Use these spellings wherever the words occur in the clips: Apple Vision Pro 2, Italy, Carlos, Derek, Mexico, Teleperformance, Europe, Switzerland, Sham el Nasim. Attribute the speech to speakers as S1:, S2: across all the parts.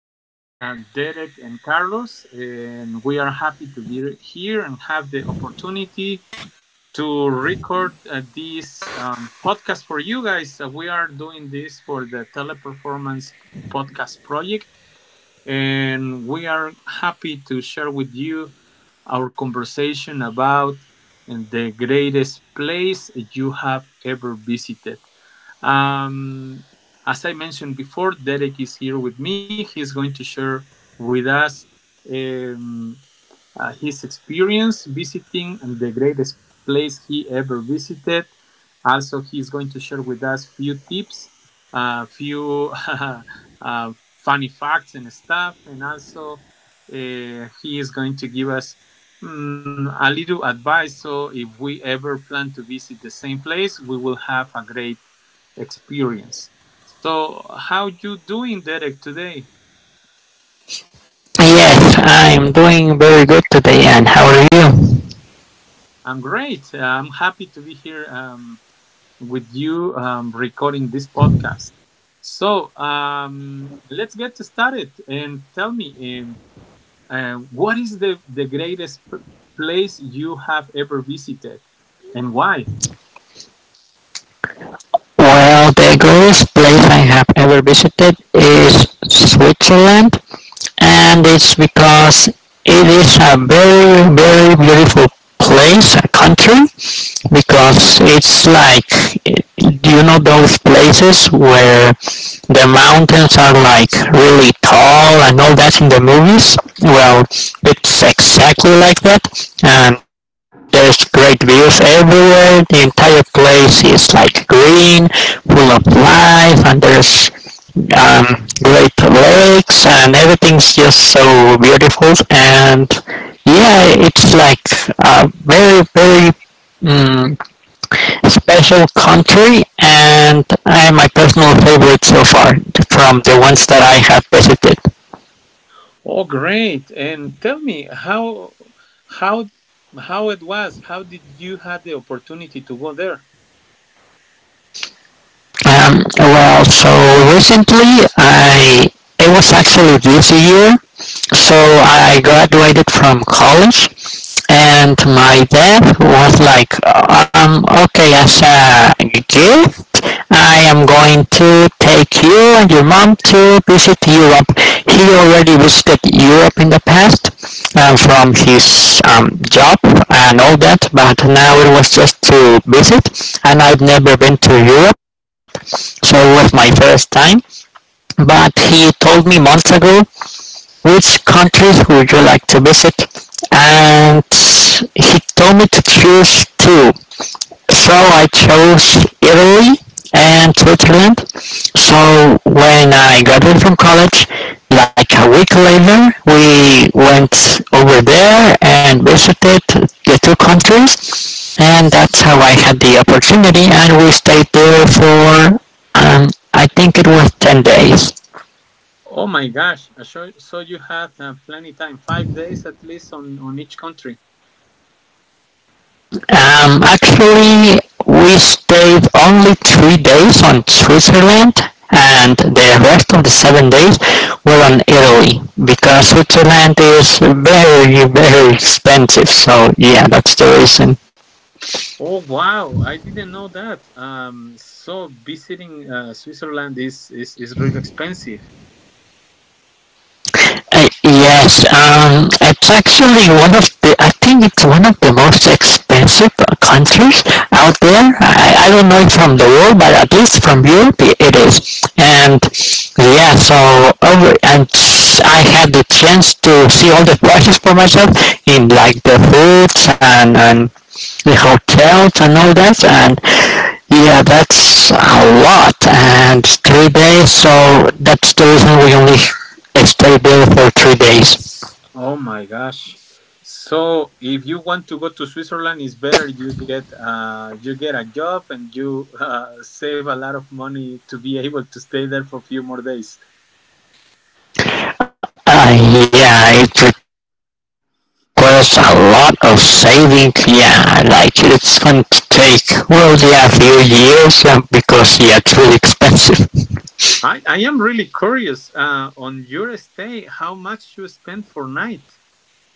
S1: This is Derek and Carlos, and we are happy to be here and have the opportunity to record this podcast for you guys. We are doing this for the Teleperformance Podcast Project, and we are happy to share with you our conversation about the greatest place you have ever visited. Um, as I mentioned before, Derek is here with me. He's going to share with us um, his experience visiting and the greatest place he ever visited. Also, he's going to share with us few tips, a few funny facts and stuff, and also he is going to give us a little advice. So, if we ever plan to visit the same place, we will have a great experience. So, how you doing, Derek, today?
S2: Yes, I'm doing very good today, and how are you?
S1: I'm great. I'm happy to be here with you recording this podcast. So, let's get started and tell me what is the greatest place you have ever visited and why?
S2: Well, the greatest place I have ever visited is Switzerland, and it's because it is a very, very beautiful place, a country, because it's like you know those places where the mountains are like really tall and all that in the movies, well it's exactly like that, and there's great views everywhere. The entire place is like green, full of life, and there's great lakes and everything's just so beautiful. And yeah, it's like a very, mm, special country, and my personal favorite so far from the ones that I have visited.
S1: Oh, great! And tell me how how it was. How did you had the opportunity to go there?
S2: So recently I, it was actually this year. So I graduated from college, and my dad was like, okay, as a gift, I am going to take you and your mom to visit Europe. He already visited Europe in the past from his job and all that, but now it was just to visit, and I've never been to Europe, so it was my first time. But he told me months ago which countries would you like to visit, and he told me to choose two, so I chose Italy and Switzerland. So when I graduated from college, like a week later, we went over there and visited the two countries, and that's how I had the opportunity. And we stayed there for, um, I think it was 10 days.
S1: Oh my gosh! So, so you had plenty time, 5 days at least on each country.
S2: Actually, we stayed only 3 days on Switzerland, and the rest of the 7 days were on Italy because Switzerland is very, very expensive. So yeah, that's the reason.
S1: Oh wow! I didn't know that. So visiting Switzerland is is really expensive.
S2: Yes, it's actually one of the, I think it's one of the most expensive concerts out there. I don't know if from the world, but at least from Europe it is. And yeah, so over, and I had the chance to see all the prices for myself in like the foods and the hotels and all that. And yeah, that's a lot, and 3 days, so that's the reason we only stay there for 3 days.
S1: Oh my gosh! So if you want to go to Switzerland, it's better you get a job and you save a lot of money to be able to stay there for a few more days.
S2: Yeah, it requires a lot of saving. Yeah, like it's going to take, well, yeah, a few years, because yeah, it's really expensive.
S1: I am really curious. On your stay, how much you spend for night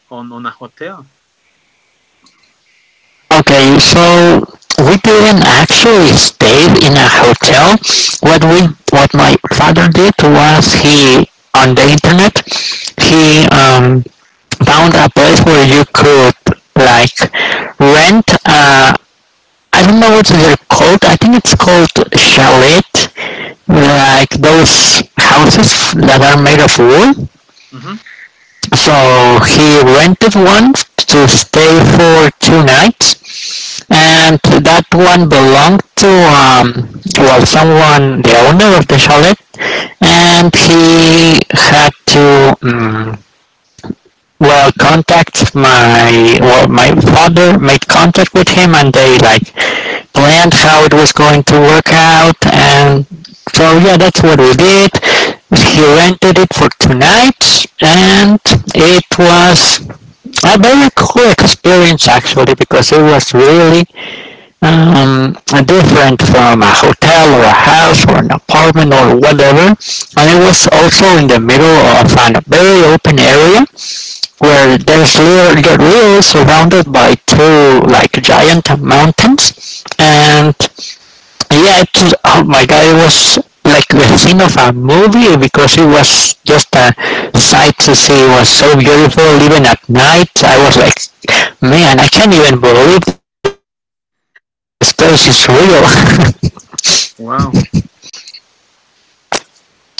S1: on a hotel?
S2: Okay, so we didn't actually stay in a hotel.
S1: Uh huh.
S2: What my father did was, he on the internet, he found a place where you could like rent. I don't know what they're called. I think it's called chalet,
S1: Uh huh.
S2: like those houses that are made of wool.
S1: Mm-hmm.
S2: So he rented one to stay for two nights, and that one belonged to well, someone, the owner of the chalet. And he had to well, contact my well, my father made contact with him, and they like planned how it was going to work out. And so yeah, that's what we did. He rented it for two nights, and it was a very cool experience actually, because it was really um, different from a hotel or a house or an apartment or whatever. And it was also in the middle of a very open area where there's little, the real surrounded by two like giant mountains. And yeah, it was, oh my god, it was like the scene of a movie, because it was just a sight to see. It was so beautiful, even at night. I was like, man, I can't even believe this place is real.
S1: Wow.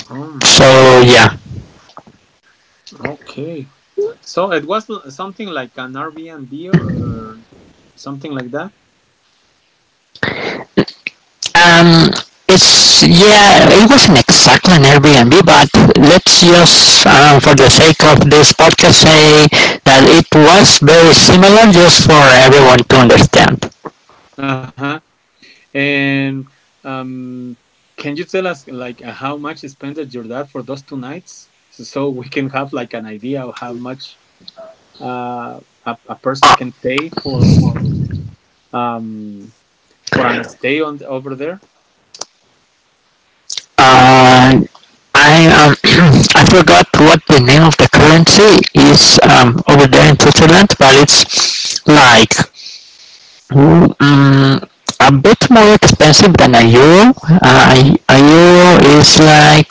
S1: Oh,
S2: So yeah,
S1: okay. So it was something like an Airbnb or something like that.
S2: um, it's yeah, it wasn't exactly an Airbnb, but let's just for the sake of this podcast say that it was very similar, just for everyone to understand.
S1: Uh huh. And um, can you tell us like how much spent your dad for those two nights, so, so we can have like an idea of how much uh, a person can
S2: Uh,
S1: pay um for an stay on over there?
S2: uh, I I forgot what the name of the currency is over there in Switzerland, but it's like mm a bit more expensive than a euro. A euro is like,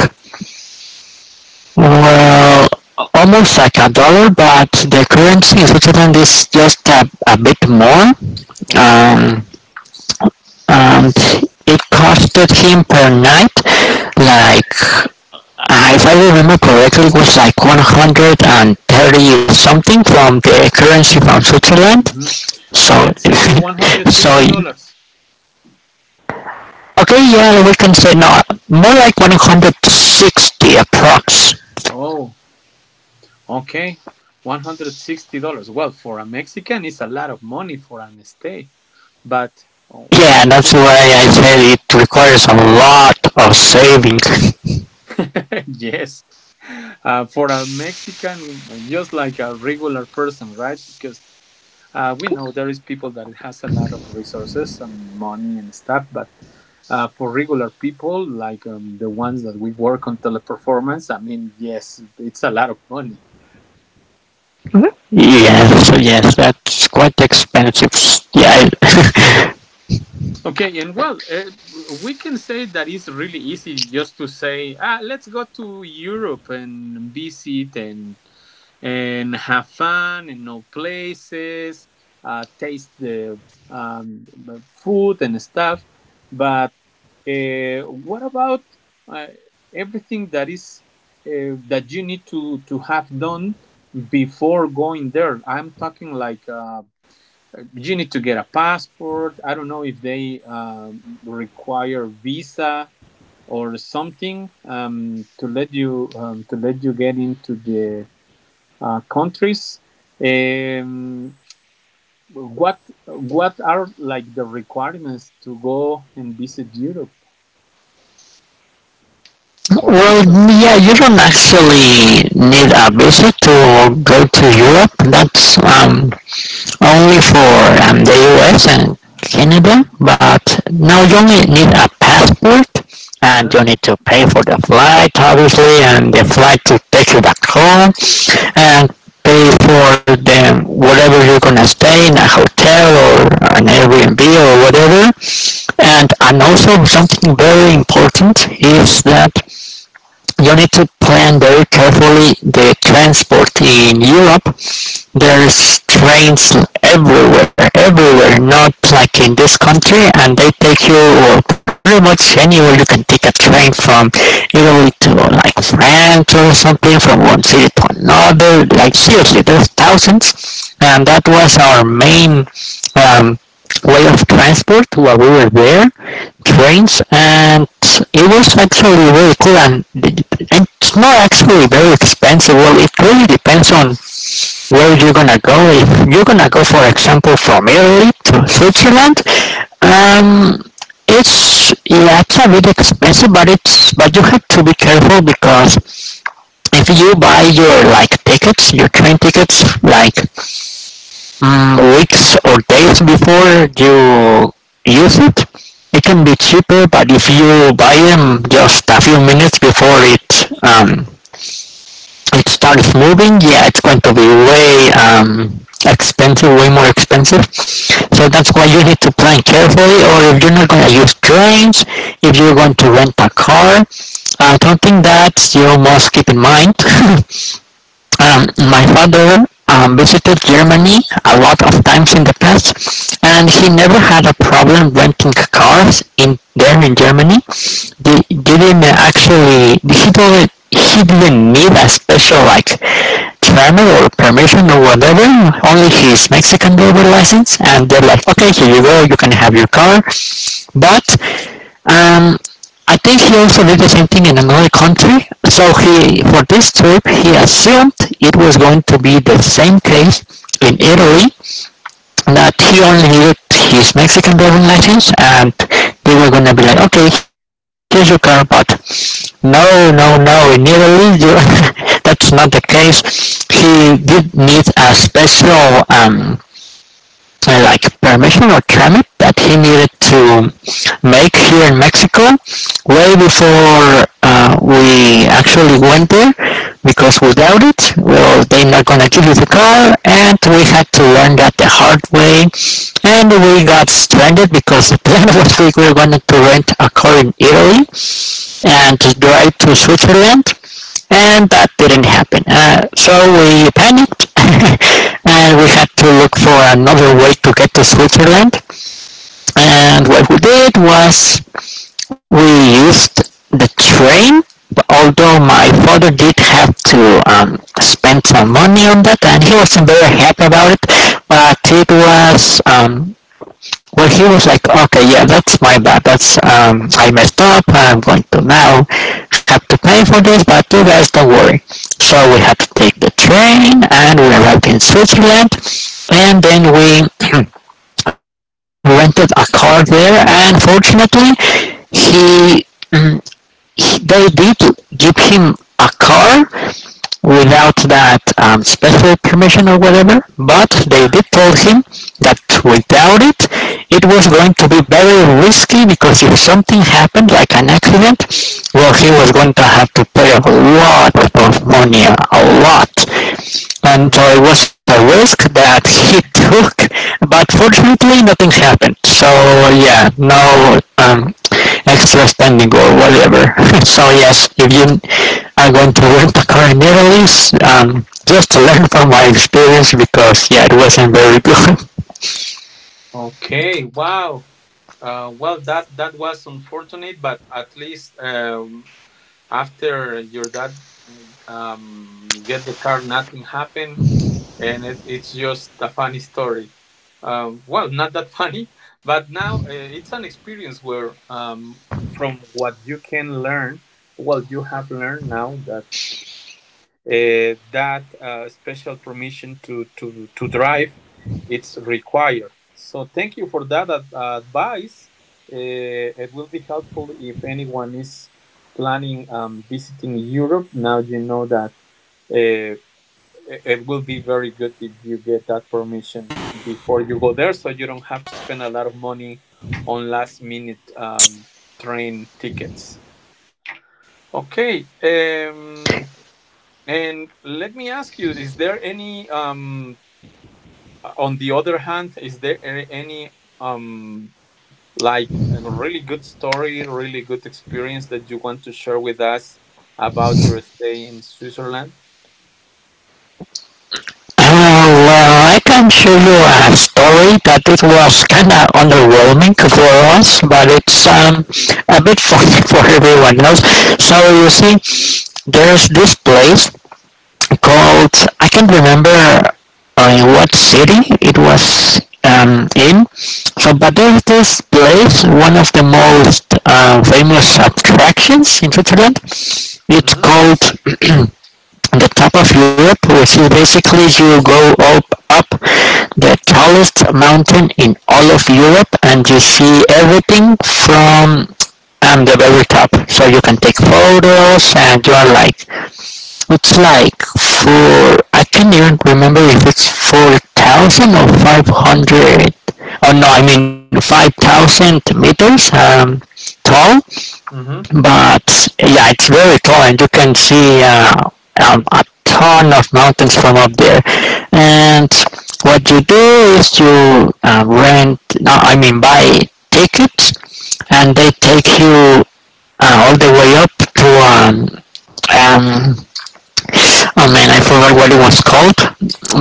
S2: well, almost like a dollar, but the currency in Switzerland is just a bit more.
S1: Oh. Oh.
S2: Um, and it costed him per night like, if I remember correctly, it was like 130 something from the currency from Switzerland.
S1: Hmm.
S2: So,
S1: Let's say one hundred fifty
S2: so
S1: dollars.
S2: okay, yeah, we can say no, more like 160 approx.
S1: Oh. Okay, $160. Well, for a Mexican, it's a lot of money for an stay. But oh,
S2: Yeah, that's
S1: okay,
S2: why I
S1: mhm.
S2: said it requires a lot of saving.
S1: Yes, for a Mexican, just like a regular person, right? Because we know there is people that it has a lot of resources and money and stuff, but for regular people like the ones that we work on teleperformance, I mean, yes, it's a lot of money.
S2: Mm-hmm. Yes, yes, that's quite expensive. Yeah.
S1: Okay, and well, we can say that it's really easy just to say, ah, let's go to Europe and visit and have fun and know places, taste the um, food and stuff. But what about uh, everything that is that you need to have done before going there? I'm talking like. You need to get a passport. I don't know if they require visa or something to let you get into the countries. Um, what are like the requirements to go and visit Europe or
S2: Well,
S1: Switzerland?
S2: yeah, you don't actually need a visa to go to Europe. That's only for the US and Canada, but now you only need a passport,
S1: Uh
S2: and
S1: huh.
S2: you need to pay for the flight, obviously, and the flight to take you back home, and pay for the whatever. You're gonna stay in a hotel or an Airbnb or whatever. And also something very important is that you need to plan very carefully the transport in Europe. There's trains everywhere. Not like in this country, and they take you, well, pretty much anywhere. You can take a train from Italy to like France or something, from one city to another. Like seriously, there's thousands, and that was our main um, way of transport while we were there, trains. And it was actually really cool, and it's not actually very expensive, well, it really depends on where you gonna go. If you're gonna go, for example, from Italy to Switzerland, um it's yeah, it's a bit expensive, but it's, but you have to be careful because if you buy your like tickets, your train tickets like weeks or days before you use it, it can be cheaper. But if you buy them just a few minutes before it it starts moving, yeah, it's going to be way expensive, way more expensive. So that's why you need to plan carefully. Or if you're not going to use trains, if you're going to rent a car, something that you must keep in mind. My father visited Germany a lot of times in the past, and he never had a problem renting cars in there in Germany. They didn't actually he didn't need a special like travel or permission or whatever. Only his Mexican driver license, and they're like, okay, here you go, you can have your car. But um, I think he also did the same thing in another country. So he, for this trip, he assumed it was going to be the same case in Italy. That he only needed his Mexican driving license, and they were gonna be like, "Okay, here's your car." But no, no, no. In Italy, you, that's not the case. He did need a special like permission or permit that he needed to make here in Mexico way before we actually went there. Because without it, well, they're not gonna give you the car, and we had to learn that the hard way. And we got stranded because the plan was we were going to rent a car in Italy and drive to Switzerland, and that didn't happen. So we panicked and we had to look for another way to get to Switzerland. And what we did was we used the train, but although my father did have to spend some money on that, and he wasn't very happy about it. But it was well, he was like, okay, yeah, that's my bad. That's I messed up. I'm going to now have to pay for this, but you guys don't worry. So we had to take the train, and we arrived in Switzerland, and then we rented a car there. And fortunately, he, mm, he they did give him a car without that special permission or whatever. But
S1: Uh
S2: they did tell him that without it, it was going to be very risky, because if something happened, like an accident, well, he was going to have to pay a lot of money, a lot.
S1: huh.
S2: And it was a risk that he took, but fortunately nothing happened. So yeah, no extra spending or whatever. So yes, if you are going to rent a car in Italy, just to learn from my experience, because yeah, it wasn't very good.
S1: Okay. Wow. Well, that that was unfortunate, but at least after your dad get the car, nothing happened, it's just a funny story. Well, not that funny, but now it's an experience where, from what you can learn, well, you have learned now that special permission to drive it's required. So thank you for that advice. Uh, it will be helpful if anyone is planning visiting Europe. Now you know that uh, it will be very good if you get that permission before you go there, so you don't have to spend a lot of money on last minute train tickets. Okay. And let me ask you: Is there any? On the other hand, is there any um, like a really good story, really good experience that you want to share with us about your stay in Switzerland?
S2: Oh, well, I can show you a story that it was kind of underwhelming for us, but it's a bit funny for everyone else. So you see, there's this place called, I can't remember in what city it was in. So, but there's this place, one of the most famous attractions in Switzerland. It's
S1: Mm-hmm.
S2: called the top of Europe, which is basically you go up, up the tallest mountain in all of Europe, and you see everything from the very top. So you can take photos and you are like, it's like for, I can't even remember if it's 4,000 or 500. Oh no, I mean 5,000 meters tall.
S1: Mm-hmm.
S2: But yeah, it's very tall, and you can see a ton of mountains from up there. And what you do is you rent, no, I mean buy tickets, and they take you all the way up to um, oh man, I forgot what it was called.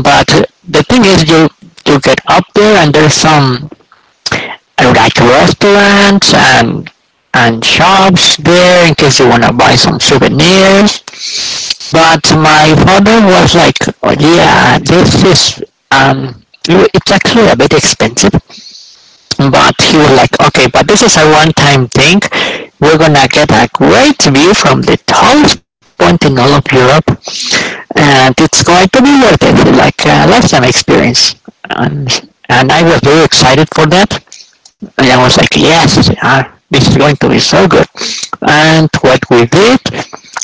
S2: But the thing is, you get up there, and there's some I would like to restaurants and shops there in case you wanna buy some souvenirs. But my father was like, oh, yeah, this is um, it's actually a bit expensive. But he was like, okay, but this is a one-time thing. We're gonna get a great view from the tallest point in all of Europe, and it's going to be worth it, like a lifetime experience. And and I was
S1: Uh-huh.
S2: very excited for that. And I was like, yes, ah, this is going to be so good. And what we did,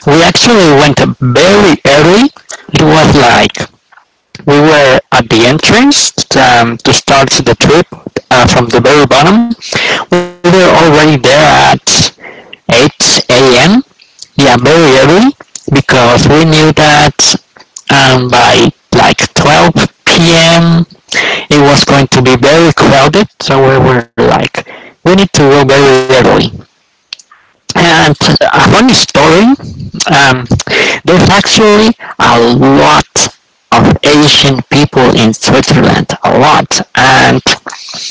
S2: we actually went very early. It was like we were at the entrance to start the trip from the very bottom. We were already there at 8 a.m. Yeah, very early because we knew that by like 12 p.m it was going to be very crowded, so we were like, we need to go very early. And a funny story, um, there's actually a lot of Asian people in Switzerland, a lot, and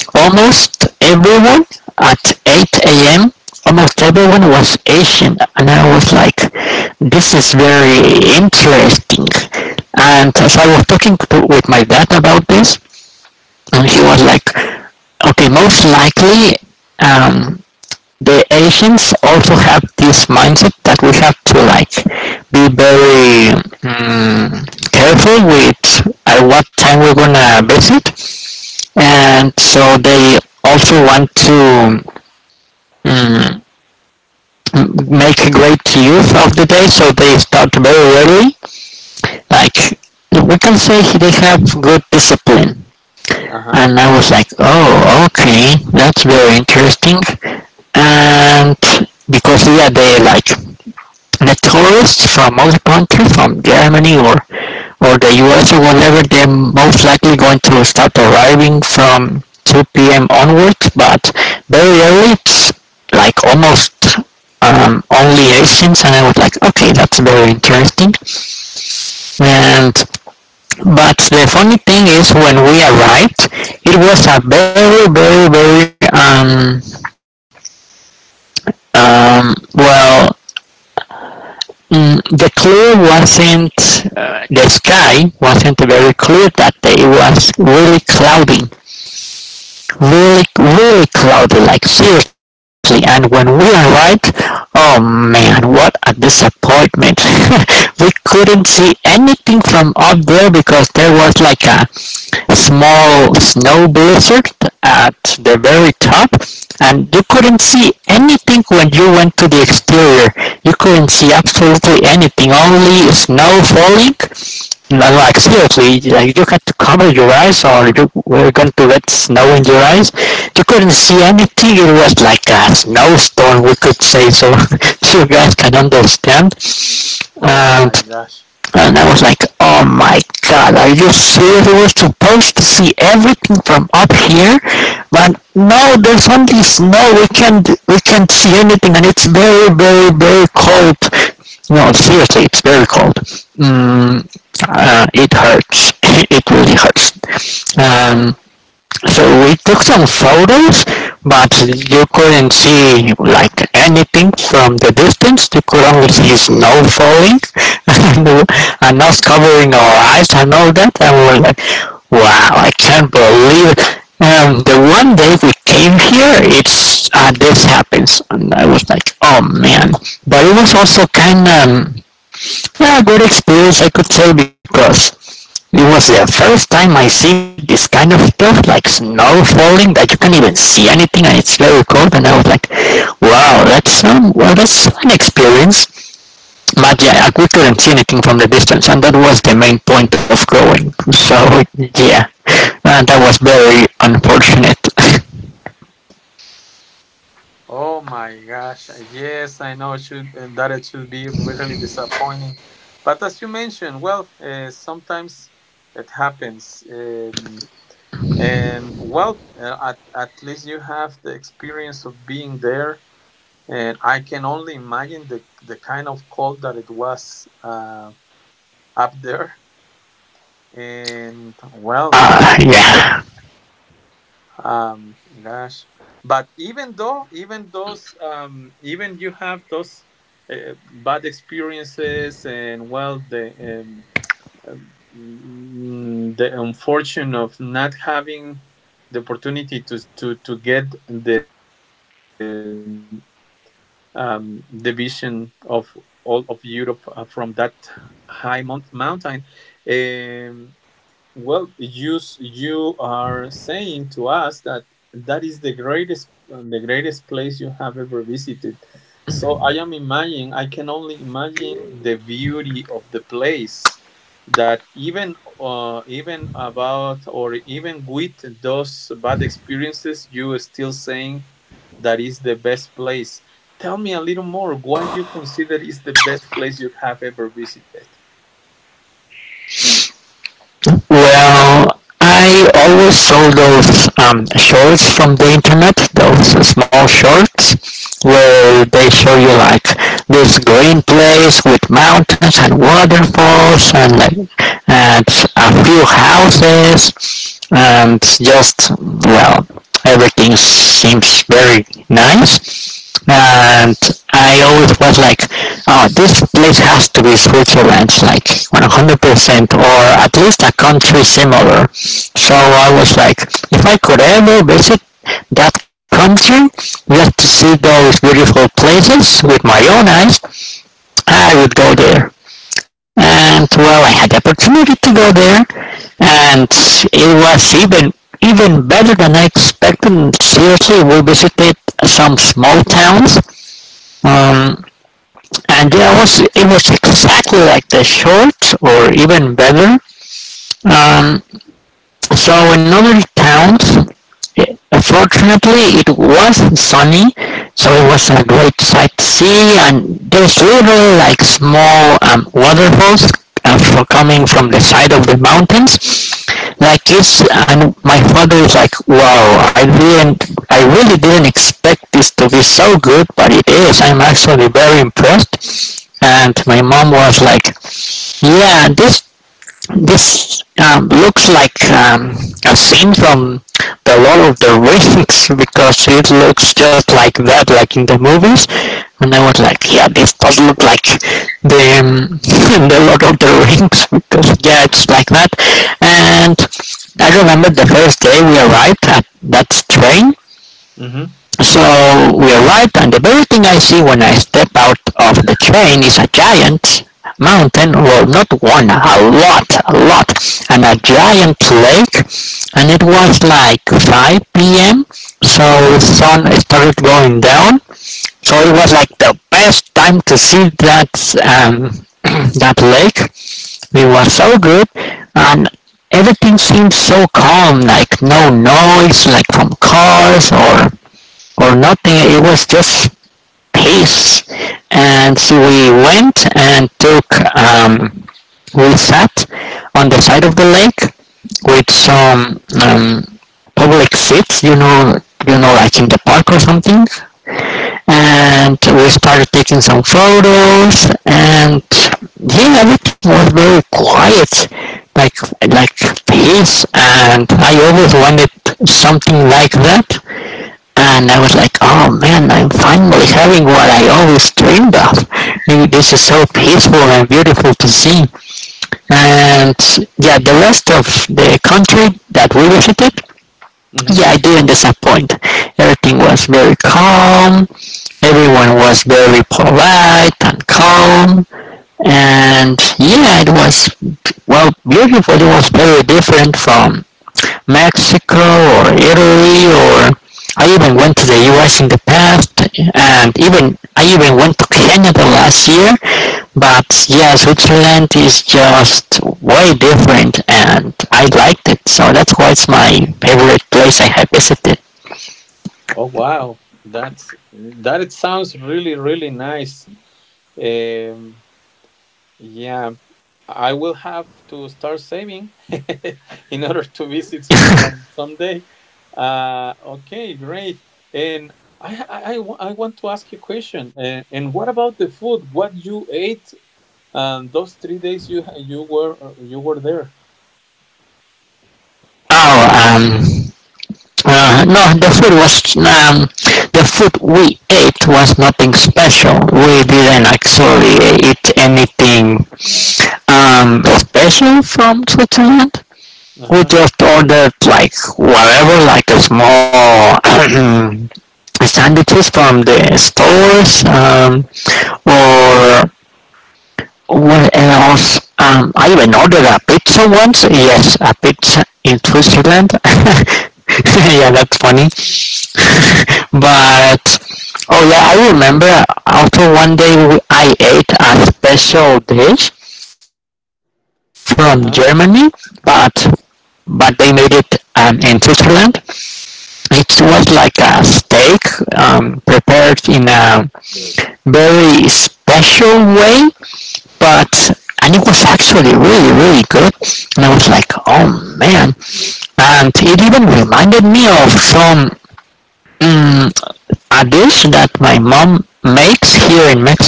S2: almost everyone at 8 a.m. Almost everyone was Asian, and I was like, "This is very interesting." And so I was talking to, with my dad about this, and he was like, okay, most likely um, the Asians also have this mindset that we have to like be very um, careful with at what time we're gonna visit, and so they also want to um, make a great use of the day, so they start very early. Like we can say they have good discipline. And
S1: Uh-huh.
S2: I was like, oh, okay, that's very interesting. And because yeah, they like the tourists from other countries, from Germany or the US or whatever, they're most likely going to start arriving from 2 p.m. onwards, but very early, it's like almost only Asians, and I was like, okay, that's very interesting. And but the funny thing is, when we arrived, it was a very, very, very well, the clear wasn't the sky wasn't very clear that day. It was really cloudy, really, really cloudy, like seriously. And when we arrived, oh man, what a disappointment! We couldn't see anything from up there because there was like a small snow blizzard at the very top, and you couldn't see anything when you went to the exterior. You couldn't see absolutely anything, only snow falling. No, like seriously, like you had to cover your eyes or you were going to get snow in your eyes. You couldn't see anything. It was like a snowstorm, we could say, so you guys can understand.
S1: Oh
S2: And
S1: my gosh.
S2: and I was like, oh my god, are you serious? We were supposed to see everything from up here, but no, there's only snow. We can't see anything, and it's very, very, very cold. No, seriously, it's very cold. Mm, it hurts. It really hurts.
S1: Wow.
S2: So we took some photos, but you couldn't see like anything from the distance. You could only see snow falling and, us covering our eyes and all that. And we're like, wow, I can't believe it. The one day we came here, it's this happens, and I was like, oh man. But it was also kind of a good experience, I could say, because it was the first time I see this kind of stuff, like snow falling, that you can't even see anything, and it's very cold. And I was like, "Wow, that's well, that's an experience." But yeah, I couldn't see anything from the distance, and that was the main point of going. So yeah, and that was very unfortunate.
S1: Oh my gosh. Yes, I know it should and that it should be really disappointing. But as you mentioned, well, sometimes it happens. And well at least you have the experience of being there and I can only imagine the kind of cold that it was up there and well
S2: Yeah.
S1: gosh, but even though even those even you have those uh, bad experiences and well the unfortune of not having the opportunity to get the division of all of Europe from that high mountain. Um, well, you are saying to us that that is the greatest place you have ever visited. So I am imagining I can only imagine the beauty of the place that even even about or even with those bad experiences you are still saying that is the best place. Tell me a little more why you consider is the best place you have ever visited.
S2: Well, I always saw those shorts from the internet, those small shorts, where they show you like this green place with mountains and waterfalls and like and a few houses and just well everything seems very nice and I always was like, oh, this place has to be Switzerland, like 100%, or at least a country similar. So I was like, if I could ever visit that country just to see those beautiful places with my own eyes, I would go there. And well, I had the opportunity to go there, and it was even better than I expected. Seriously, we visited some small towns, um, and yeah, it was exactly like the shorts, or even better. Um, so in other towns, it- fortunately, it was sunny, so it was a great sight to see. And there's little like small waterfalls for coming from the side of the mountains. Like this. And my father is like, wow, I didn't, I really didn't expect this to be so good, but it is. I'm actually very impressed. And my mom was like, "Yeah, this looks like a scene from the Lord of the Rings because it looks just like that, like in the movies." And I was like, "Yeah, this does look like the the Lord of the Rings because yeah, it's like that." And I remember the first day we arrived at that train.
S1: Mhm.
S2: So we arrived and the very thing I see when I step out of the train is a giant mountain, well not one, a lot, and a giant lake. And it was like 5 p.m. so the sun started going down, so it was like the best time to see that um, that lake. It was so good. And everything seemed so calm, like no noise like from cars or nothing. It was just peace. And so we went and took, um, we sat on the side of the lake with some public seats, like in the park or something. And we started taking some photos, and yeah, everything was very quiet, like like peace. And I always wanted something like that and I was like, oh man, I'm finally having what I always dreamed of. This is so peaceful and beautiful to see. And yeah, the rest of the country that we visited, yeah, I didn't disappoint. Everything was very calm. Everyone was very polite and calm. And yeah, it was, well, beautiful. It was very different from Mexico or Italy or I even went to the US in the past and even I even went to Kenya last year. But yeah Switzerland is just way different and I liked it so that's why it's my favorite place I have visited.
S1: Oh wow, that's that. It sounds really really nice. Um, yeah, I will have to start saving in order to visit Switzerland someday. Okay, great. And I I want to ask you a question. And what about the food? What you ate those 3 days you you were there?
S2: oh um no, the food was the food we ate was nothing special. We didn't actually eat anything special from Switzerland. We
S1: Uh-huh.
S2: just ordered like whatever, like a small sandwiches from the stores or what else? I even ordered a pizza once. Yes, a pizza in Switzerland. Yeah, that's funny. But oh yeah, I remember after one day we, I ate a special dish from Germany.
S1: Uh-huh.
S2: But but they made it in Switzerland. It was like a steak prepared in a very special way. But and it was actually really really good. And I was like oh man, and it even reminded me of some mm, a dish that my mom makes here in Mexico,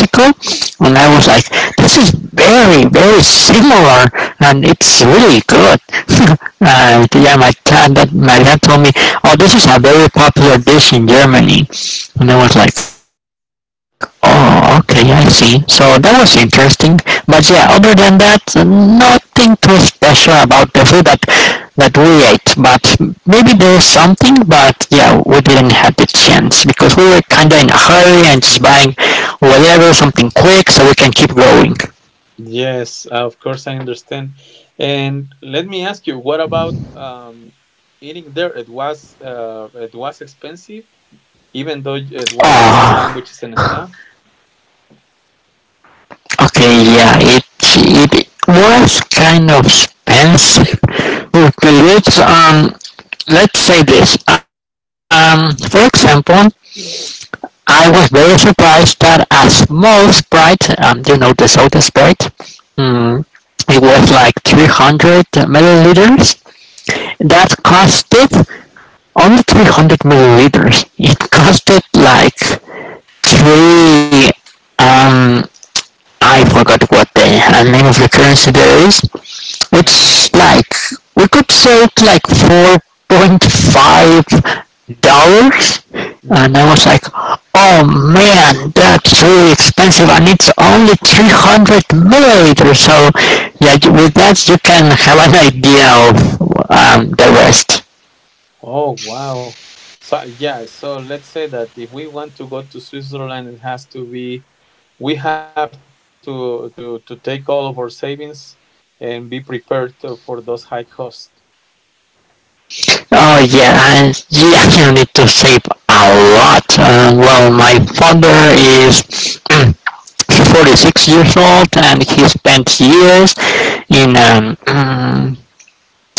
S2: and I was like, this is very, very similar, and it's really good. And yeah, my dad told me, oh, this is a very popular dish in Germany, and I was like, oh, okay, I see. So that was interesting, but yeah, other than that, nothing too special about the food that we ate, but maybe there was something, but yeah, we didn't have the chance because we were kinda in a hurry and just buying whatever, something quick so we can keep going.
S1: Yes, of course I understand. And let me ask you, what about eating there? It was expensive, even though it was just sandwiches
S2: Oh,
S1: and stuff.
S2: okay, yeah, it was kind of expensive. Okay, let's say this. For example, I was very surprised that as most Sprite, you know, the soda Sprite, um, it was like 300 milliliters. That costed only 300 milliliters. It costed like three, um, I forgot what the name of the currency there is,
S1: Uh-huh.
S2: it's like we could say it's like $4.5. And
S1: Uh-huh.
S2: I was like, oh man, that's really expensive, and it's only 300 milliliters. So, yeah, with that, you can have an idea of the rest.
S1: Oh, wow. So, yeah, so let's say that if we want to go to Switzerland, it has to be, we have to take all of our savings and be prepared for those high costs.
S2: Oh yeah, I, you actually need to save a lot. Well, my father is 46 years old, and he spent years in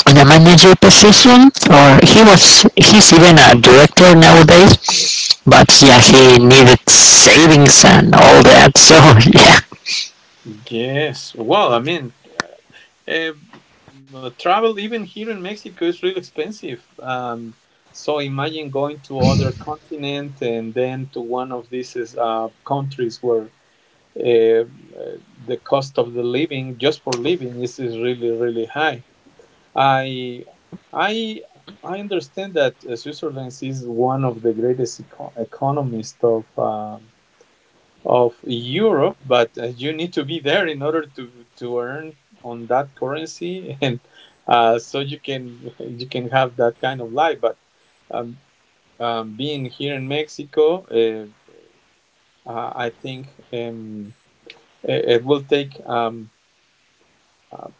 S2: in a manager position, or he's even a director nowadays. But yeah, he needed savings and all that. So yeah.
S1: Yes. Well, I mean, eh, travel even here in Mexico is really expensive. So imagine going to other continent and then to one of these countries where uh, the cost of the living just for living is really really high. i i I understand that Switzerland is one of the greatest economists of Europe but you need to be there in order to earn on that currency and so you can have that kind of life but um, being here in Mexico I think it will take uh,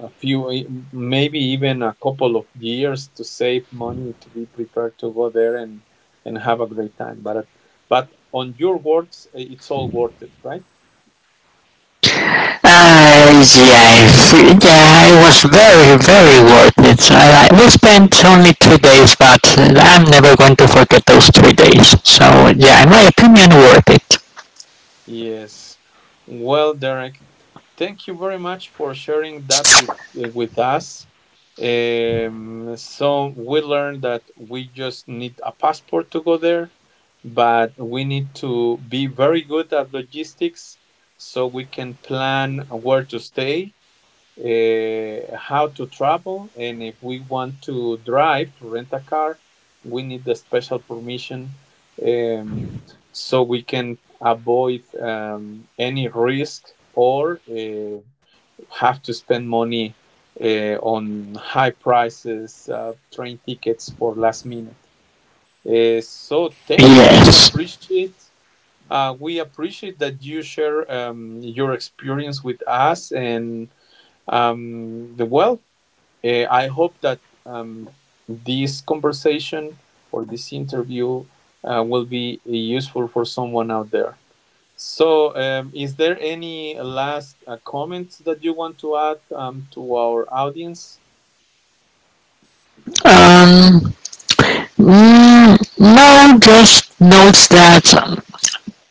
S1: a few, maybe even a couple of years to save money to be prepared to go there and have a great time. But on your words, it's all worth it, right?
S2: Yes, yeah, it was very, very worth it. We spent only 2 days, but I'm never going to forget those 3 days. So, yeah, in my opinion, worth it.
S1: Yes. Well, Derek, thank you very much for sharing that with us. So we learned that we just need a passport to go there, but we need to be very good at logistics so we can plan where to stay, how to travel, and if we want to drive to rent a car, we need the special permission um, so we can avoid any risk or have to spend money on high prices, train tickets for last minute. So thank you. We
S2: Yes.
S1: appreciate. We appreciate that you share your experience with us and the well. I hope that this conversation or this interview will be useful for someone out there. So, is there any last comments that you want to add to our audience?
S2: Um. No, just note that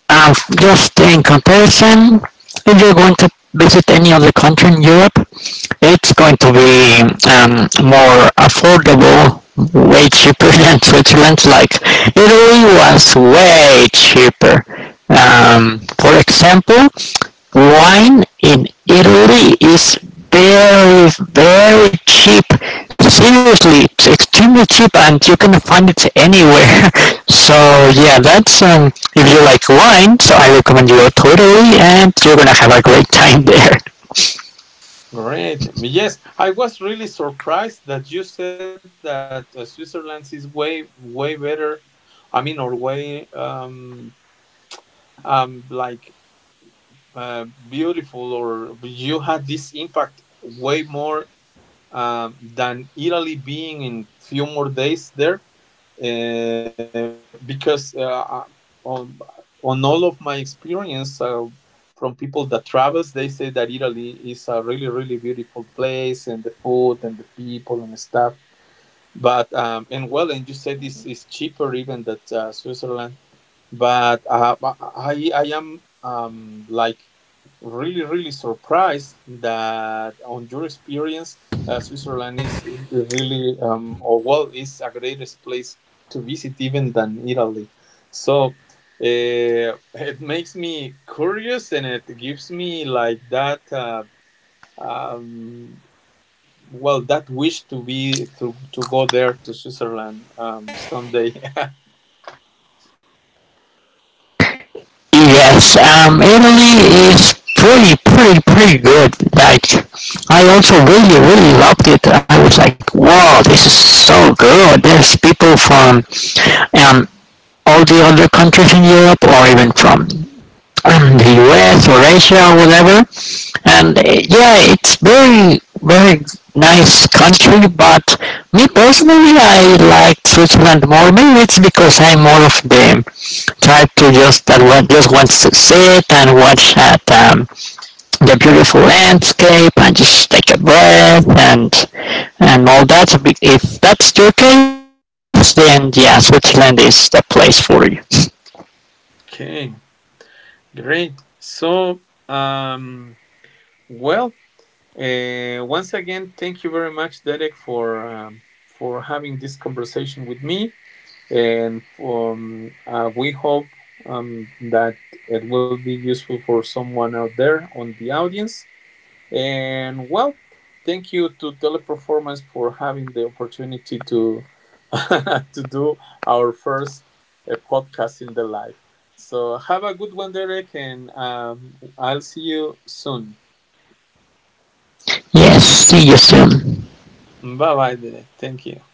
S2: just in comparison, if you're going to visit any other country in Europe, it's going to be more affordable, way cheaper than Switzerland. Like Italy was way cheaper. For example, wine in Italy is very, very cheap. Seriously, it's extremely cheap, and you can find it anywhere. So yeah, that's if you like wine, so I recommend you go to Italy, and you're gonna have a great time there.
S1: Great. Yes, I was really surprised that you said that Switzerland is way, way better. I mean, or way, like uh, beautiful, or you had this impact way more than Italy being in few more days there because on, on all of my experience from people that travels they say that Italy is a really really beautiful place and the food and the people and the stuff but and well, and you said this is cheaper even than Switzerland. But I am like really really surprised that on your experience, Switzerland is really or well is a greatest place to visit even than Italy. So it makes me curious and it gives me like that. Um, well that wish to be to go there to Switzerland someday.
S2: Yes, Italy is pretty, pretty, pretty good. Like, I also really, really loved it. I was like, wow, this is so good. There's people from um, all the other countries in Europe or even from the US or Asia or whatever. And yeah, it's very, very nice country, but me personally, I like Switzerland more. Maybe it's because I'm more of the type to just that one just wants to sit and watch at the beautiful landscape and just take a breath and all that. If that's your case, then yeah, Switzerland is the place for you.
S1: Okay, great, so um well, once again thank you very much, Derek, for having this conversation with me and for, we hope that it will be useful for someone out there on the audience. And well, thank you to Teleperformance for having the opportunity to to do our first podcast in the live. So have a good one, Derek, and I'll see you soon.
S2: Yes, see you soon.
S1: Bye bye, Derek. Thank you.